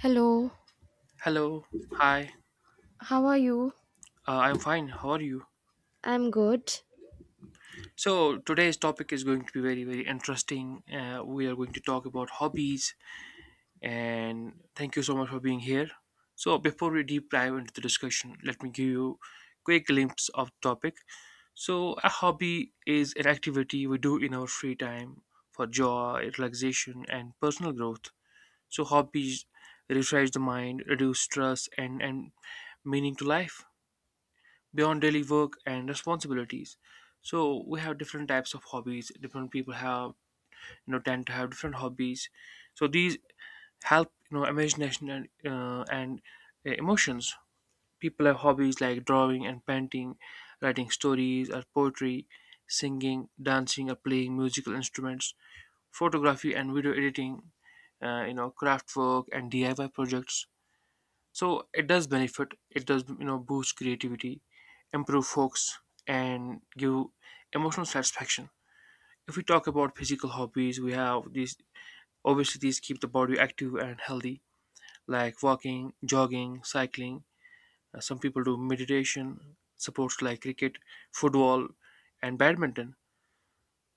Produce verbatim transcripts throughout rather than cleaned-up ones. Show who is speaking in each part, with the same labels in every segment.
Speaker 1: Hello,
Speaker 2: Hello, hi.
Speaker 1: how are you?
Speaker 2: Uh, I'm fine. How are you?
Speaker 1: I'm good.
Speaker 2: So today's topic is going to be very, very interesting. Uh, we are going to talk about hobbies, and thank you so much for being here. So before we deep dive into the discussion, let me give you quick glimpse of the topic. So a hobby is an activity we do in our free time for joy, relaxation, and personal growth. So hobbies refresh the mind, reduce stress, and and meaning to life. Beyond daily work and responsibilities, so we have different types of hobbies. Different people have, you know, tend to have different hobbies. So these help, you know, imagination and uh, and uh, emotions. People have hobbies like drawing and painting, writing stories or poetry, singing, dancing, or playing musical instruments, photography and video editing, uh, you know craft work and diy projects. So it does benefit, it does, you know boost creativity, improve focus, and give emotional satisfaction. If we talk about physical hobbies, we have these. Obviously these keep the body active and healthy, like walking, jogging, cycling. Uh, some people do meditation, sports like cricket, football, and badminton.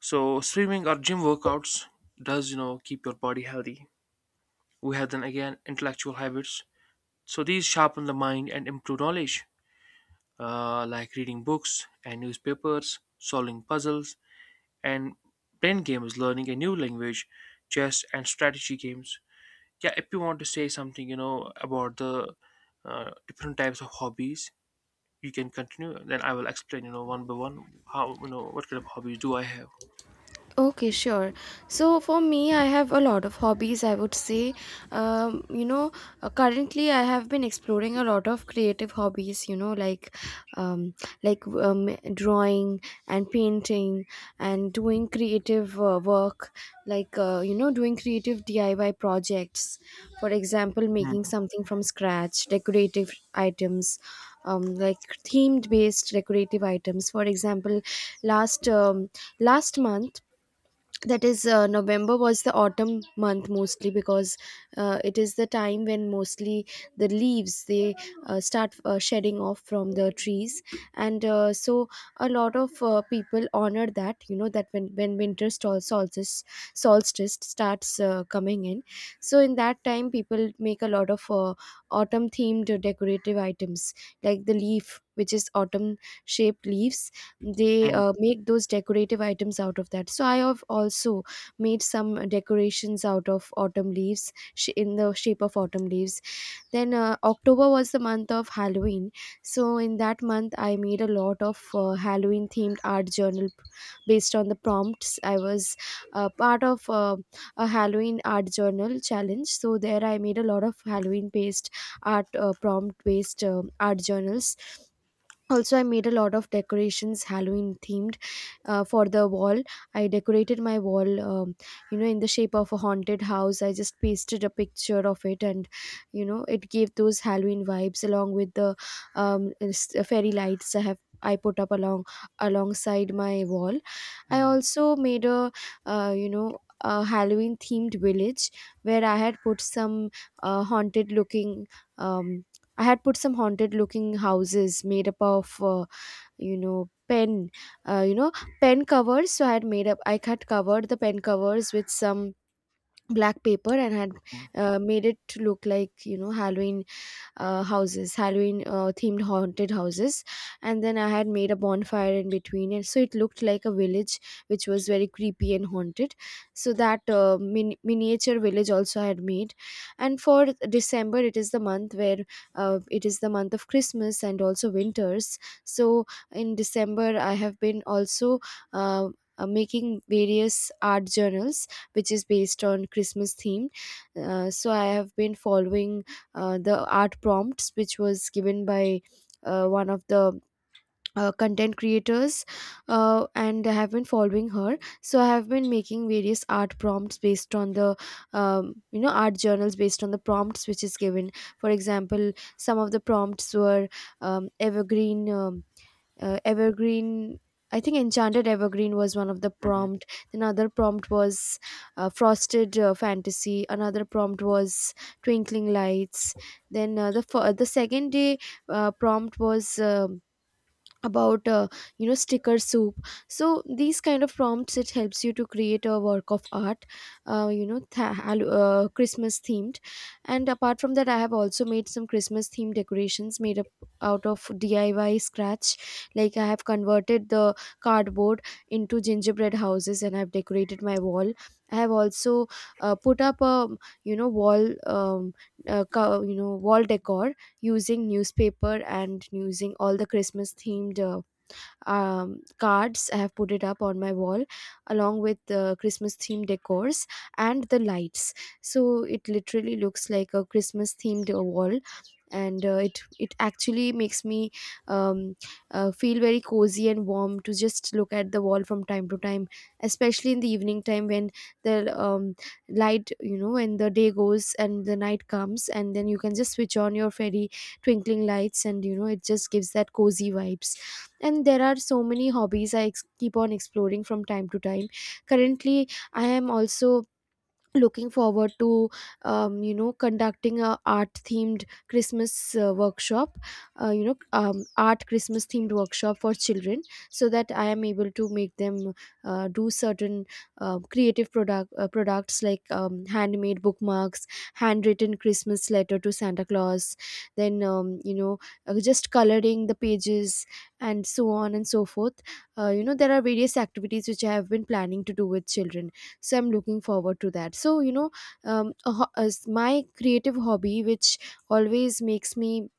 Speaker 2: So swimming or gym workouts does, you know keep your body healthy. We have then again intellectual habits, so these sharpen the mind and improve knowledge, uh, like reading books and newspapers, solving puzzles, and brain games, learning a new language, chess and strategy games. Yeah, if you want to say something, you know, about the uh, different types of hobbies, you can continue. Then I will explain, you know, one by one, how you know what kind of hobbies do I have.
Speaker 1: Okay, sure. So for me, I have a lot of hobbies, I would say. Um, you know, uh, currently I have been exploring a lot of creative hobbies, you know, like um, like um, drawing and painting and doing creative uh, work, like uh, you know, doing creative D I Y projects. For example,
Speaker 2: Mm,
Speaker 1: making something from scratch, decorative items. Um, like themed based decorative items, for example, last um, last month, that is uh, November, was the autumn month, mostly because uh, it is the time when mostly the leaves, they uh, start uh, shedding off from the trees, and uh, so a lot of uh, people honor that, you know, that when when winter sol- solstice solstice starts uh, coming in. So in that time people make a lot of uh, autumn themed decorative items, like the leaf, which is autumn shaped leaves, they
Speaker 2: mm,
Speaker 1: uh, make those decorative items out of that. So I have also made some decorations out of autumn leaves sh- in the shape of autumn leaves. Then uh, October was the month of Halloween, so in that month I made a lot of uh, Halloween themed art journal p- based on the prompts. I was uh, part of uh, a Halloween art journal challenge, so there I made a lot of Halloween based art uh, prompt based um art journals. Also I made a lot of decorations, Halloween themed, uh, for the wall. I decorated my wall, um, you know, in the shape of a haunted house. I just pasted a picture of it, and you know, it gave those Halloween vibes, along with the um, s- uh, fairy lights I have, I put up along alongside my wall. I
Speaker 2: mm,
Speaker 1: also made a uh, you know a Halloween themed village, where I had put some uh, haunted looking um, I had put some haunted looking houses made up of, uh, you know, pen, uh, you know, pen covers. So I had made up, I had covered the pen covers with some black paper, and had
Speaker 2: mm,
Speaker 1: uh, made it look like, you know, Halloween uh, houses, Halloween uh, themed haunted houses. And then I had made a bonfire in between, and so it looked like a village, which was very creepy and haunted. So that uh, min- miniature village also I had made. And for December, it is the month where uh, it is the month of Christmas and also winters. So in December, I have been also. Uh, uh, Making various art journals which is based on Christmas theme. Uh, so I have been following uh, the art prompts which was given by uh, one of the uh, content creators, uh, and I have been following her. So I have been making various art prompts based on the, um, you know art journals based on the prompts which is given. For example, some of the prompts were um, evergreen um, uh, evergreen. I think enchanted evergreen was one of the
Speaker 2: mm.
Speaker 1: prompt. Another prompt was uh, frosted uh, fantasy. Another prompt was twinkling lights. Then uh, the fir- the second day uh, prompt was um about uh, you know, sticker soup. So these kind of prompts, it helps you to create a work of art, uh, you know th- hal- uh, Christmas themed. And apart from that, I have also made some Christmas themed decorations made up out of DIY scratch. Like I have converted the cardboard into gingerbread houses, and I've decorated my wall. I have also uh, put up a you know wall um, uh, co- you know, wall decor using newspaper and using all the Christmas themed uh, um, cards. I have put it up on my wall along with the Christmas themed decors and the lights. So it literally looks like a Christmas themed wall, and uh, it it actually makes me um, uh, feel very cozy and warm to just look at the wall from time to time, especially in the evening time when the um, light, you know, when the day goes and the night comes, and then you can just switch on your fairy twinkling lights, and you know, it just gives that cozy vibes. And there are so many hobbies I ex- keep on exploring from time to time. Currently I am also looking forward to um, you know, conducting a art themed Christmas uh, workshop, uh, you know um, art Christmas themed workshop for children, so that I am able to make them uh, do certain uh, creative product uh, products like um, handmade bookmarks, handwritten Christmas letter to Santa Claus, then um, you know uh, just coloring the pages, and so on and so forth. Uh, you know, there are various activities which I have been planning to do with children, so I'm looking forward to that. So you know, um, a ho- as my creative hobby which always makes me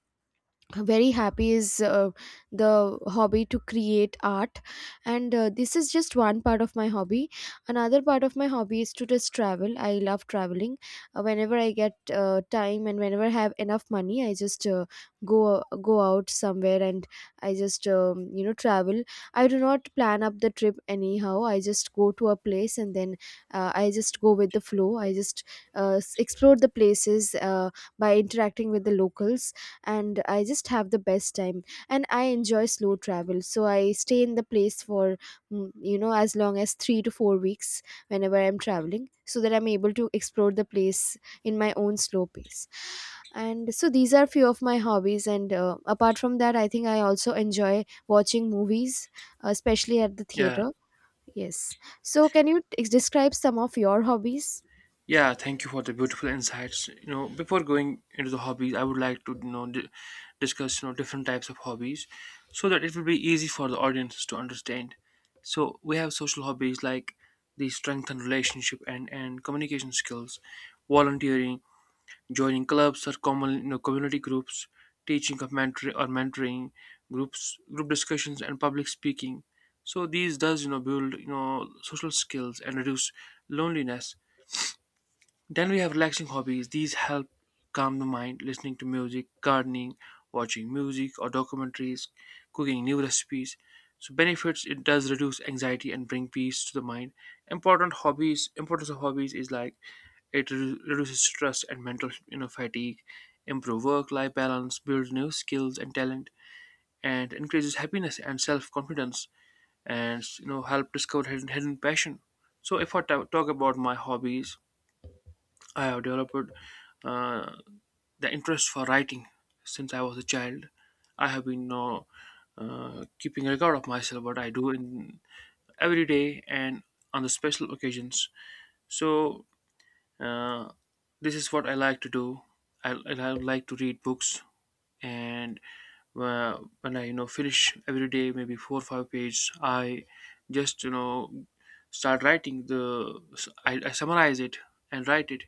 Speaker 1: very happy is uh, the hobby to create art. And uh, this is just one part of my hobby. Another part of my hobby is to just travel. I love traveling. Uh, whenever I get uh, time, and whenever I have enough money, I just uh, go go out somewhere and I just um, you know travel. I do not plan up the trip anyhow. I just go to a place, and then uh, I just go with the flow. I just uh, s- explore the places uh, by interacting with the locals, and I just have the best time. And I enjoy slow travel, so I stay in the place for mm, you know, as long as three to four weeks whenever I'm traveling, so that I'm able to explore the place in my own slow pace. And so these are few of my hobbies. And uh, apart from that, I think I also enjoy watching movies, especially at the
Speaker 2: Yeah.
Speaker 1: theater. Yes. So can you t- describe some of your hobbies?
Speaker 2: Yeah, thank you for the beautiful insights. You know, before going into the hobbies, I would like to you know di- discuss you know different types of hobbies, so that it will be easy for the audiences to understand. So we have social hobbies like the strengthen relationship and and communication skills, volunteering, joining clubs or common, you know community groups, teaching of mentor or mentoring groups, group discussions and public speaking. So these does, you know build, you know social skills and reduce loneliness. Then we have relaxing hobbies. These help calm the mind, listening to music, gardening, watching music or documentaries, cooking new recipes. So benefits, it does reduce anxiety and bring peace to the mind. Important hobbies, importance of hobbies is like it redu- reduces stress and mental, you know fatigue, improve work life balance, builds new skills and talent, and increases happiness and self confidence, and you know help discover hidden, hidden passion. So if I ta- talk about my hobbies, I have developed uh, the interest for writing since I was a child. I have been uh, uh, keeping record of myself what I do in every day and on the special occasions. So, uh, this is what I like to do. I, I like to read books, and uh, when I you know finish every day maybe four or five pages, I just, you know start writing the, I, I summarize it and write it.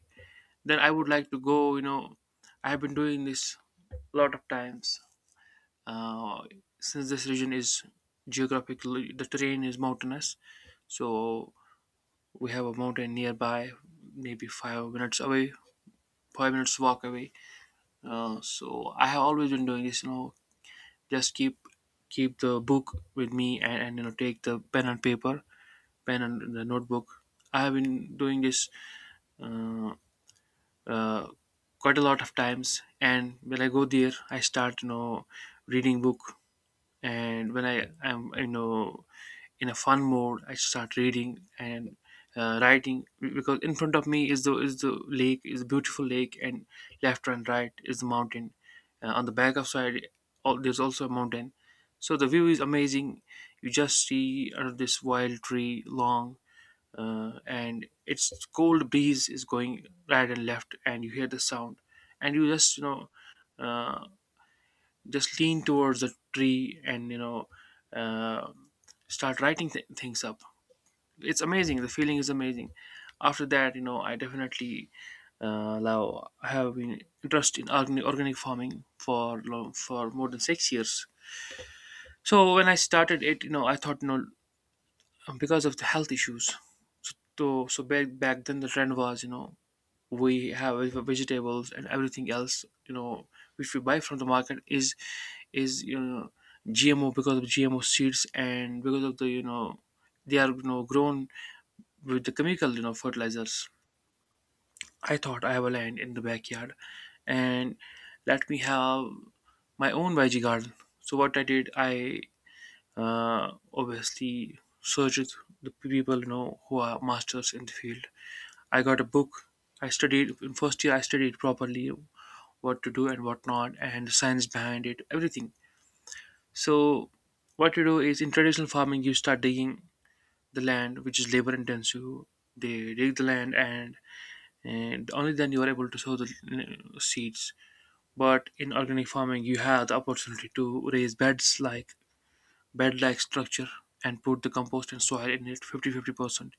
Speaker 2: Then I would like to go, you know I have been doing this a lot of times. uh, since this region is geographically, the terrain is mountainous, so we have a mountain nearby, maybe five minutes away, five minutes walk away. Uh, so I have always been doing this, you know just keep keep the book with me, and, and you know take the pen and paper, pen and the notebook. I have been doing this uh, uh, quite a lot of times, and when I go there I start, you know reading book. And when I am, you know in a fun mode, I start reading and uh, writing, because in front of me is the is the lake, is a beautiful lake, and left and right is the mountain. Uh, on the back of side all, there's also a mountain. So the view is amazing. You just see out of this wild tree long, uh, and its cold breeze is going right and left, and you hear the sound, and you just, you know uh, just lean towards the tree and, you know uh, start writing th- things up. It's amazing, the feeling is amazing. After that, you know I definitely, uh, now have been interested in organic, organic farming for long, for more than six years. So when I started it, you know I thought, you know because of the health issues, so so back, back then the trend was, you know we have vegetables and everything else, you know which we buy from the market is is you know GMO, because of GMO seeds and because of the, you know they are, you know grown with the chemical, you know fertilizers. I thought I have a land in the backyard, and let me have my own veggie garden. So what I did, I uh, obviously searched the people, you know who are masters in the field. I got a book. I studied in first year. I studied properly what to do and what not, and the science behind it, everything. So, what you do is, in traditional farming, you start digging the land, which is labor intensive. They dig the land, and, and only then you are able to sow the uh, seeds. But in organic farming, you have the opportunity to raise beds, like bed like structure, and put the compost and soil in it fifty-fifty percent.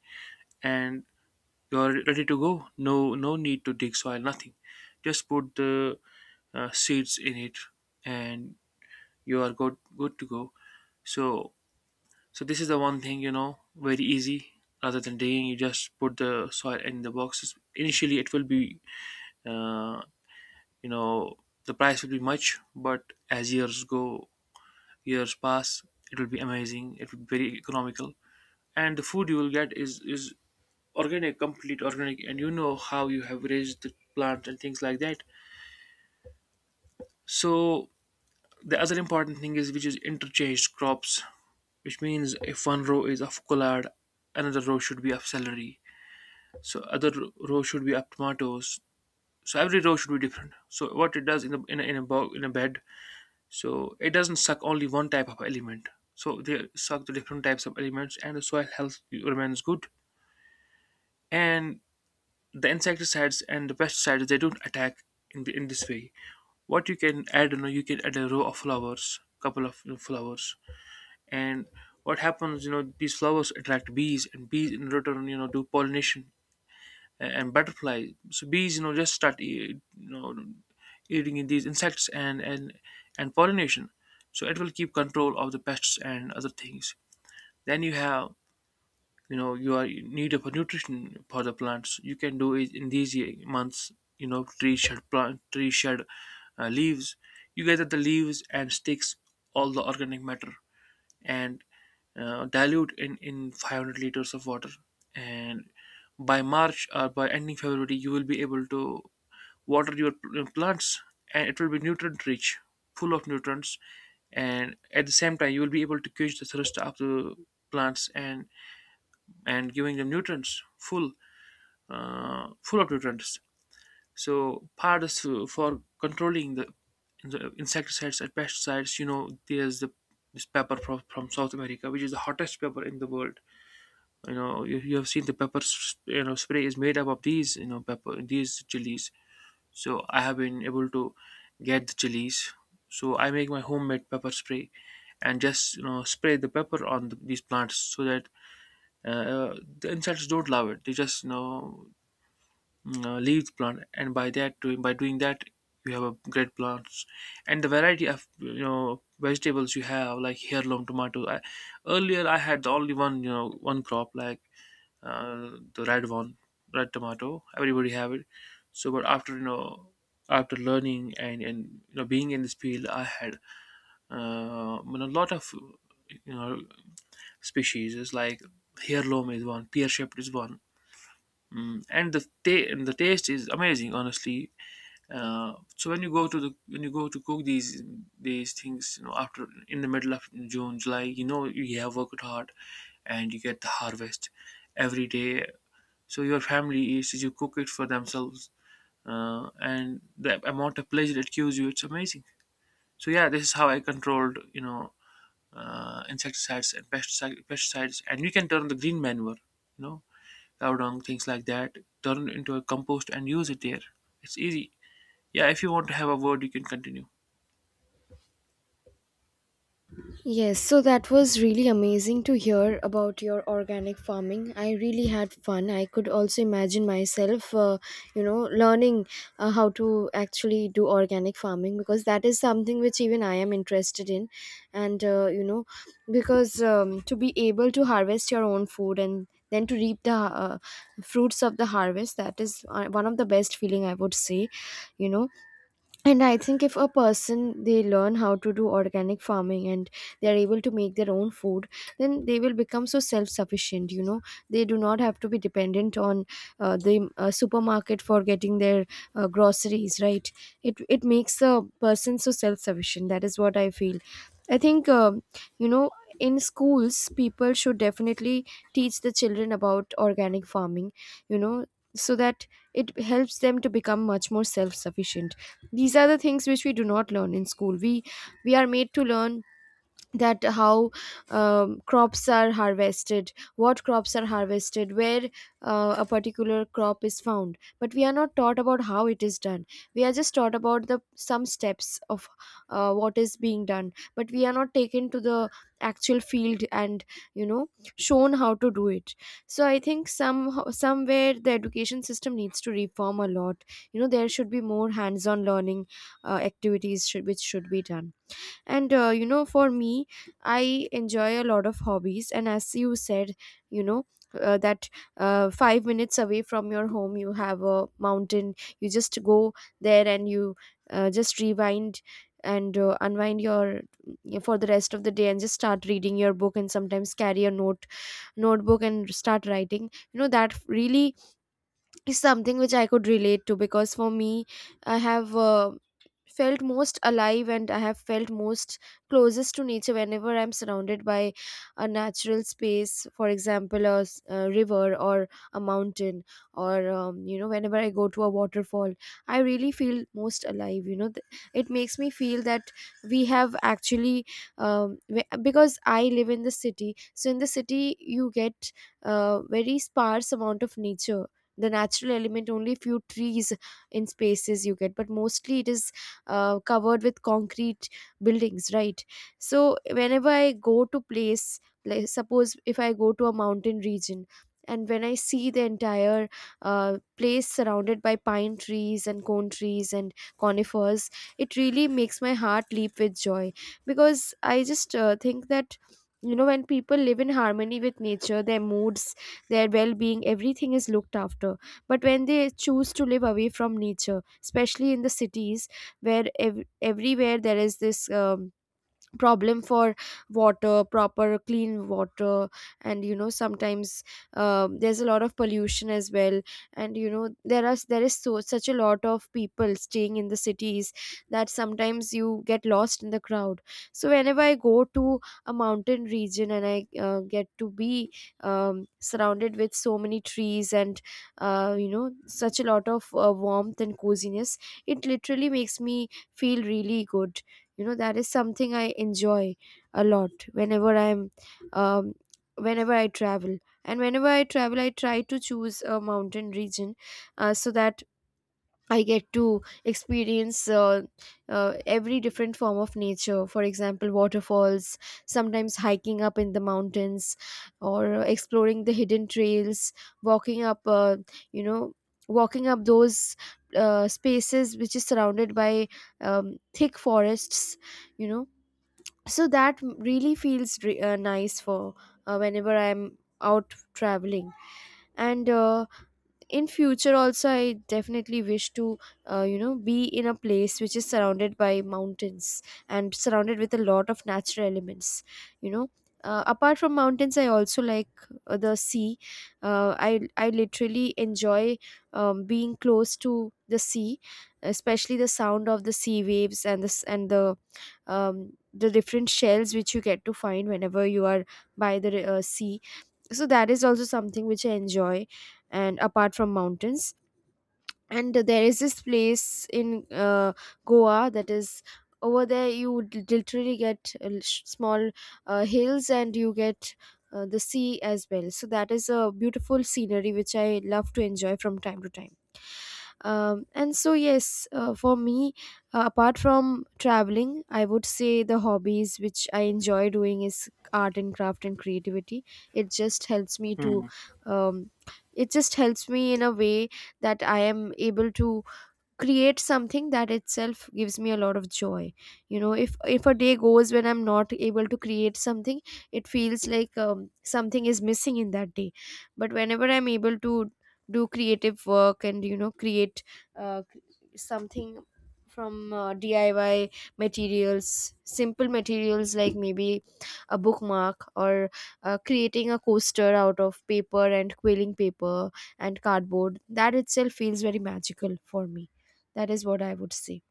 Speaker 2: And you're ready to go. No, no need to dig soil, nothing. Just put the uh, seeds in it, and you are good good to go. So so this is the one thing, you know very easy. Rather than digging, you just put the soil in the boxes. Initially it will be, uh, you know the price will be much, but as years go years pass it will be amazing, it will be very economical. And the food you will get is is organic, complete organic, and you know how you have raised the plant and things like that. So the other important thing is, which is interchanged crops, which means if one row is of collard, another row should be of celery. So other row should be of tomatoes. So every row should be different. So what it does, in a in a in a, bo- in a bed, so it doesn't suck only one type of element. So they suck the different types of elements, and the soil health remains good. And the insecticides and the pesticides, they don't attack in the in this way. What you can add, you know you can add a row of flowers, couple of, you know, flowers. And what happens, you know these flowers attract bees, and bees in return, you know do pollination a- and butterflies. So bees, you know just start e- you know eating in these insects, and and and pollination. So it will keep control of the pests and other things. Then you have, you know you are in need of a nutrition for the plants. You can do it in these ye- months. You know, trees shed, plant trees shed uh, leaves. You gather the leaves and sticks, all the organic matter, and uh, dilute in in five hundred liters of water, and by March or by ending February you will be able to water your pl- plants, and it will be nutrient rich, full of nutrients. And at the same time you will be able to quench the thirst of the plants, and and giving them nutrients full uh, full of nutrients. So part is for controlling the, the insecticides and pesticides. You know, there's the this pepper from, from South America, which is the hottest pepper in the world. You know, you, you have seen the pepper, s- you know, spray is made up of these, you know, pepper, these chilies. So I have been able to get the chilies. So I make my homemade pepper spray, and just, you know spray the pepper on the, these plants, so that uh, the insects don't love it. They just, you know uh, leaves plant, and by that doing by doing that you have a great plants, and the variety of, you know vegetables you have, like heirloom tomato. I, earlier I had only one you know one crop, like uh, the red one, red tomato, everybody have it. So but after, you know after learning and and you know being in this field, I had, uh, you know, a lot of, you know species is like heirloom is one, pear shaped is one. Mm, and the ta- and the taste is amazing, honestly. Uh, so when you go to the when you go to cook these these things, you know, after in the middle of June, July, you know, you have worked hard, and you get the harvest every day. So your family eats, you cook it for themselves, uh, and the amount of pleasure it gives you, it's amazing. So yeah, this is how I controlled, you know, uh, insecticides and pesticide, pesticides, and you can turn the green manure, you know, cow dung, things like that, turn into a compost and use it there. It's easy. Yeah, if you want to have a word, you can continue.
Speaker 1: Yes, so that was really amazing to hear about your organic farming. I really had fun. I could also imagine myself, uh, you know, learning uh, how to actually do organic farming, because that is something which even I am interested in. And, uh, you know, because um, to be able to harvest your own food, and then to reap the uh, fruits of the harvest, that is uh, one of the best feeling, I would say, you know. And I think if a person, they learn how to do organic farming, and they are able to make their own food, then they will become so self sufficient. You know, they do not have to be dependent on uh, the uh, supermarket for getting their uh, groceries, right? It it makes a person so self sufficient. That is what I feel. I think um, you know in schools, people should definitely teach the children about organic farming. You know, so that it helps them to become much more self sufficient. These are the things which we do not learn in school. We we are made to learn that how um, crops are harvested, what crops are harvested, where uh, a particular crop is found, but we are not taught about how it is done. We are just taught about the some steps of uh, what is being done, but we are not taken to the actual field and, you know, shown how to do it. So I think some somewhere the education system needs to reform a lot. You know, there should be more hands on learning uh, activities should, which should be done. And uh, you know, for me, I enjoy a lot of hobbies. And as you said, you know, uh, that uh, five minutes away from your home, you have a mountain. You just go there and you uh, just rewind and uh, unwind your for the rest of the day, and just start reading your book, and sometimes carry a note notebook and start writing. You know, that really is something which I could relate to, because for me, I have uh, felt most alive, and I have felt most closest to nature whenever I'm surrounded by a natural space, for example, a, s- a river or a mountain, or um, you know, whenever I go to a waterfall, I really feel most alive. You know, Th- it makes me feel that we have actually um, we- because I live in the city, so in the city you get uh, very sparse amount of nature. The natural element only few trees in spaces you get, but mostly it is uh, covered with concrete buildings, right? So whenever I go to place, like suppose if I go to a mountain region and when I see the entire uh, place surrounded by pine trees and cone trees and conifers, it really makes my heart leap with joy, because I just uh, think that, you know, when people live in harmony with nature, their moods, their well-being, everything is looked after. But when they choose to live away from nature, especially in the cities, where ev- everywhere there is this um, problem for water, proper clean water. And you know sometimes um, there's a lot of pollution as well. And you know, there are there is so such a lot of people staying in the cities that sometimes you get lost in the crowd. So whenever I go to a mountain region and I uh, get to be um, surrounded with so many trees and, uh, you know, such a lot of uh, warmth and coziness, it literally makes me feel really good. You know, that is something I enjoy a lot whenever I'm um, whenever I travel. And whenever I travel, I try to choose a mountain region, uh, so that I get to experience uh, uh, every different form of nature. For example, waterfalls, sometimes hiking up in the mountains, or exploring the hidden trails, walking up, uh, you know, walking up those uh, spaces which is surrounded by um, thick forests, you know. So that really feels re- uh, nice for, uh, whenever I'm out traveling. And uh, in future also, I definitely wish to, uh, you know be in a place which is surrounded by mountains and surrounded with a lot of natural elements, you know. Uh, apart from mountains, I also like uh, the sea. Uh, i i literally enjoy um, being close to the sea, especially the sound of the sea waves and this, and the um, the different shells which you get to find whenever you are by the uh, sea. So that is also something which I enjoy. And apart from mountains, and there is this place in uh, Goa, that is, over there you would literally get uh, sh- small uh, hills, and you get uh, the sea as well. So that is a beautiful scenery which I love to enjoy from time to time. Um, and so, yes, uh, for me, uh, apart from traveling, I would say the hobbies which I enjoy doing is art and craft and creativity. It just helps me to
Speaker 2: Hmm.
Speaker 1: um, it just helps me in a way that I am able to create something. That itself gives me a lot of joy. You know, if if a day goes when I'm not able to create something, it feels like um, something is missing in that day. But whenever I'm able to do creative work and, you know, create uh, something from, uh, D I Y materials, simple materials like maybe a bookmark or uh, creating a coaster out of paper and quilling paper and cardboard. That itself feels very magical for me. That is what I would say.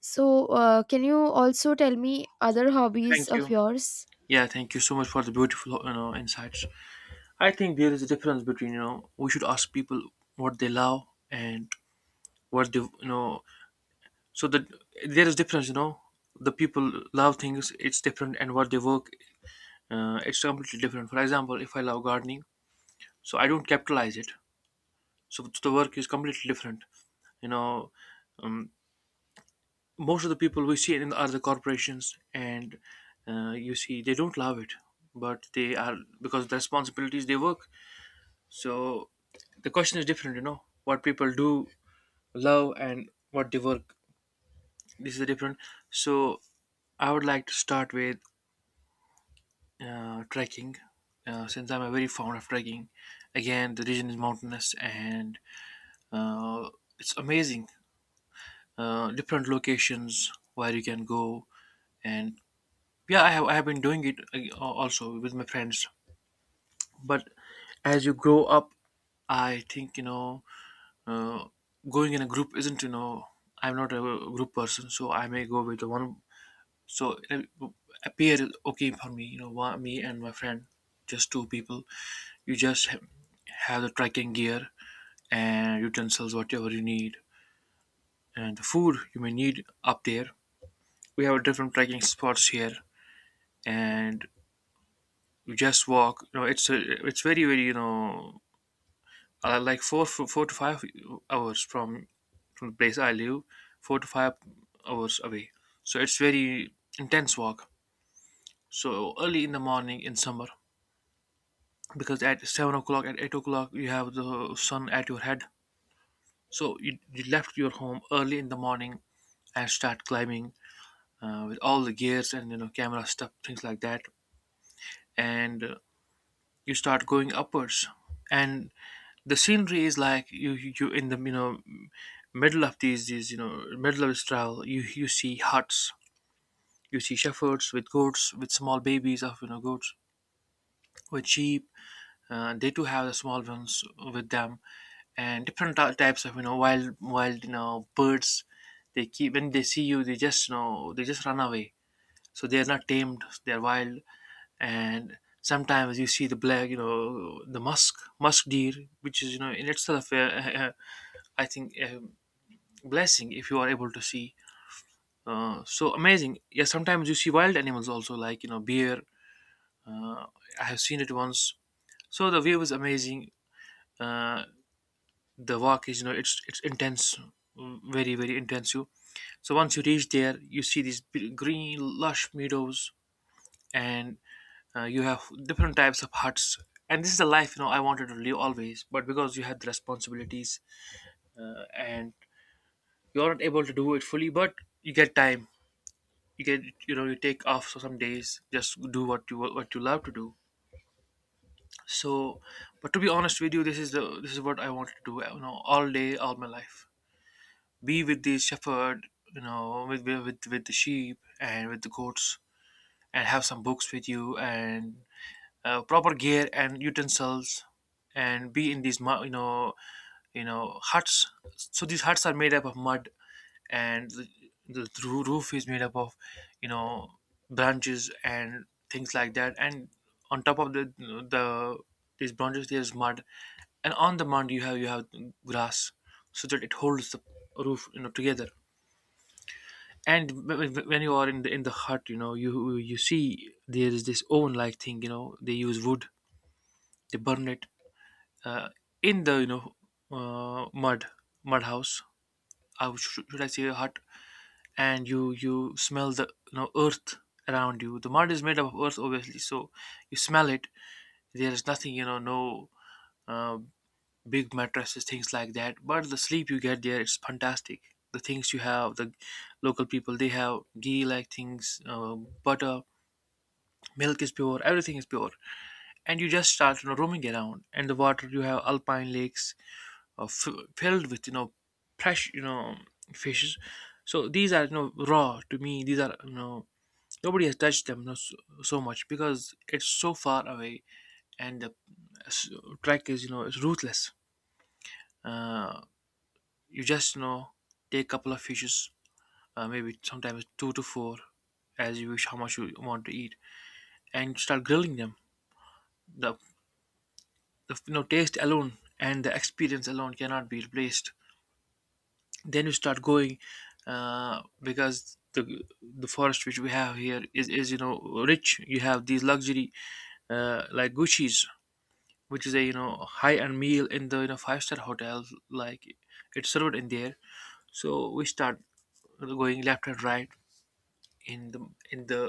Speaker 1: So, uh, can you also tell me other hobbies
Speaker 2: Thank
Speaker 1: of
Speaker 2: you.
Speaker 1: yours?
Speaker 2: Yeah, thank you so much for the beautiful, you know, insights. I think there is a difference between, you know, we should ask people what they love and what they, you know, so that there is difference, you know. The people love things, it's different, and what they work, uh, it's completely different. For example, if I love gardening, so I don't capitalize it, so the work is completely different. You know, um, most of the people we see in are the corporations, and uh, you see they don't love it, but they are, because of the responsibilities they work. So the question is different, you know. What people do love and what they work, this is different. So I would like to start with uh, trekking. Uh, since I'm a very fond of trekking, again the region is mountainous, and uh, it's amazing. Uh, different locations where you can go. And yeah, I have I have been doing it, uh, also with my friends. But as you grow up, I think, you know, uh, going in a group isn't, you know, I'm not a group person, so I may go with the one. So it appear okay for me, you know, one, me and my friend, just two people. You just ha- have the trekking gear and utensils, whatever you need, and the food you may need up there. We have different trekking spots here, and you just walk, you know, it's a, it's very very, you know, uh, like four, four four to five hours from from the place I live, four to five hours away. So it's very intense walk. So early in the morning in summer, because at seven o'clock, at eight o'clock you have the sun at your head. So you, you left your home early in the morning and start climbing, uh, with all the gears and, you know, camera stuff, things like that. And uh, you start going upwards. And the scenery is like, you you you in the, you know, middle of these these, you know, middle of this travel, you you see huts, you see shepherds with goats, with small babies of, you know, goats, with sheep. Uh, they too have the small ones with them. And different ty- types of, you know, wild wild, you know, birds, they keep. When they see you they just, you know, they just run away, so they are not tamed, they are wild. And sometimes you see the black, you know, the musk musk deer, which is, you know, in itself, uh, uh, uh, I think, uh, blessing if you are able to see. Uh, so amazing. Yeah, sometimes you see wild animals also, like, you know, bear. Uh, I have seen it once. So the view is amazing. Uh, the walk is, you know, it's it's intense, mm, very very intensive. So once you reach there, you see these b- green lush meadows, and uh, you have different types of huts. And this is the life, you know, I wanted to live always, but because you had the responsibilities, uh, and you're not able to do it fully, but you get time, you can, you know, you take off for some days, just do what you what you love to do. So but to be honest with you, this is the this is what I want to do, you know, all day, all my life. Be with the shepherd, you know, with with with the sheep and with the goats, and have some books with you, and uh, proper gear and utensils, and be in these mu- you know, you know, huts. So these huts are made up of mud, and the, the roo- roof is made up of, you know, branches and things like that. And on top of the the these branches there's mud, and on the mud you have you have grass, so that it holds the roof, you know, together. And wh- wh- when you are in the in the hut, you know, you you see there is this oven like thing, you know, they use wood, they burn it, uh, in the, you know, uh, mud mud house, uh, should, should I say, a hut. And you you smell the, you know, earth around you. The mud is made up of earth obviously, so you smell it. There is nothing, you know, no uh, big mattresses, things like that, but the sleep you get there is fantastic. The things you have, the local people, they have ghee like things, uh, butter. Milk is pure, everything is pure. And you just start, you know, roaming around. And the water, you have alpine lakes, uh, f- filled with, you know, fresh, you know, fishes. So these are, you know, raw to me, these are, you know, nobody has touched them, no, so, so much because it's so far away. And the s- track is, you know, it's ruthless. Uh, you just, you know, take a couple of fishes, uh, maybe sometimes two to four, as you wish how much you want to eat, and start grilling them. The, the, you know, taste alone and the experience alone cannot be replaced. Then you start going, uh, because the the forest which we have here is, is you know, rich. You have these luxury, uh, like Gucci's, which is a, you know, high end meal in the, you know, five star hotel, like, it's served in there. So we start going left and right, in the in the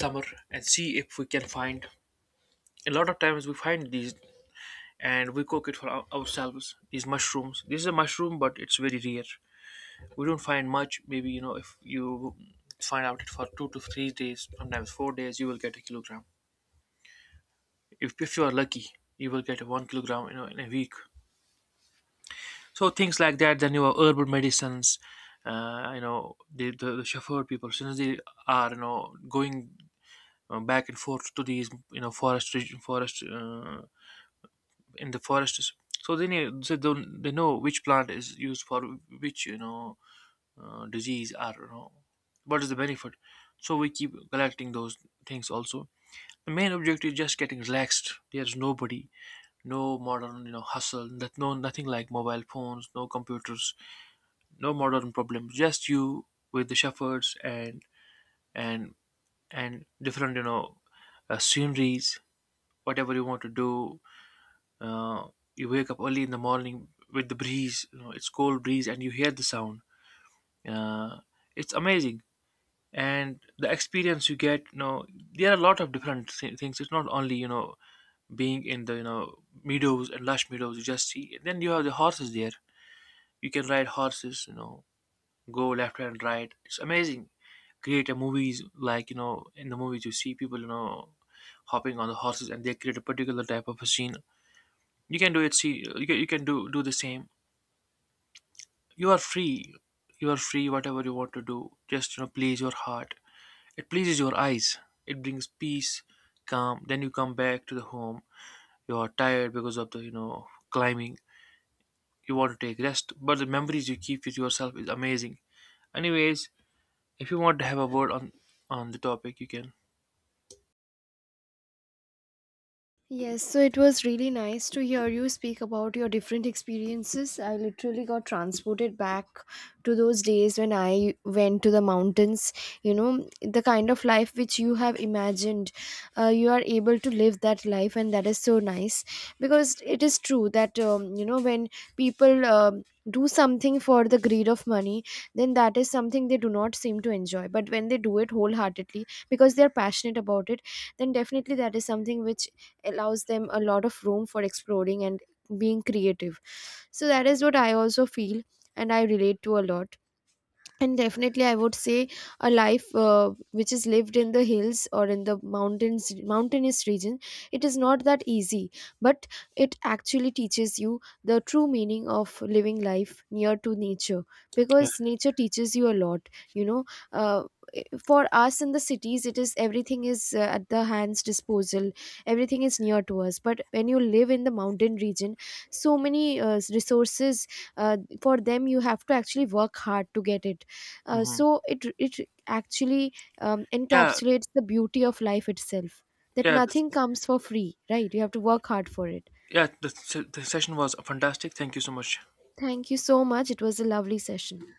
Speaker 2: summer, and see if we can find. A lot of times we find these, and we cook it for our, ourselves. These mushrooms, this is a mushroom, but it's very rare. We don't find much. Maybe, you know, if you find out it for two to three days, sometimes four days, you will get a kilogram. If, if you are lucky, you will get one kilogram, you know, in a week. So things like that. Then you have herbal medicines, uh, you know, the, the the shepherd people, since they are, you know, going uh, back and forth to these, you know, forest reg- forest, uh, in the forests. So they know, so they they know which plant is used for which, you know, uh, disease, or, you know, what is the benefit. So we keep collecting those things also. The main objective is just getting relaxed. There's nobody, no modern, you know, hustle, that no nothing, like mobile phones, no computers, no modern problems, just you with the shepherds, and and and different, you know, uh, sceneries, whatever you want to do. uh, you wake up early in the morning with the breeze, you know, it's cold breeze, and you hear the sound. uh, it's amazing. And the experience you get, you know, there are a lot of different thi- things. It's not only, you know, being in the, you know, meadows and lush meadows, you just see. Then you have the horses there, you can ride horses, you know, go left and right. It's amazing. Create a movies, like, you know, in the movies you see people, you know, hopping on the horses and they create a particular type of a scene. You can do it. See, you can, you can do do the same. You are free. You are free. Whatever you want to do, just, you know, please your heart. It pleases your eyes. It brings peace, calm. Then you come back to the home. You are tired because of the, you know, climbing. You want to take rest, but the memories you keep with yourself is amazing anyways. If you want to have a word on on the topic, you can.
Speaker 1: Yes, so it was really nice to hear you speak about your different experiences. I literally got transported back to those days when I went to the mountains. You know, the kind of life which you have imagined, uh, you are able to live that life, and that is so nice, because it is true that, um, you know, when people um do something for the greed of money, then that is something they do not seem to enjoy. But when they do it wholeheartedly because they are passionate about it, then definitely that is something which allows them a lot of room for exploring and being creative. So that is what I also feel, and I relate to a lot. And definitely I would say a life uh, which is lived in the hills or in the mountains, mountainous region, it is not that easy, but it actually teaches you the true meaning of living life near to nature,
Speaker 2: Yeah.
Speaker 1: because nature teaches you a lot, you know. uh, i- for us in the cities, it is, everything is uh, at the hand's disposal, everything is near to us. But when you live in the mountain region, so many uh, resources, uh, for them you have to actually work hard to get it. uh,
Speaker 2: Hmm.
Speaker 1: so it it actually um,
Speaker 2: Yeah.
Speaker 1: encapsulates the beauty of life itself. That
Speaker 2: Yeah. This,
Speaker 1: nothing comes for free, right? You have to work hard for it.
Speaker 2: yeah. The, se- the session was fantastic. Thank you so much.
Speaker 1: Thank you so much. It was a lovely session.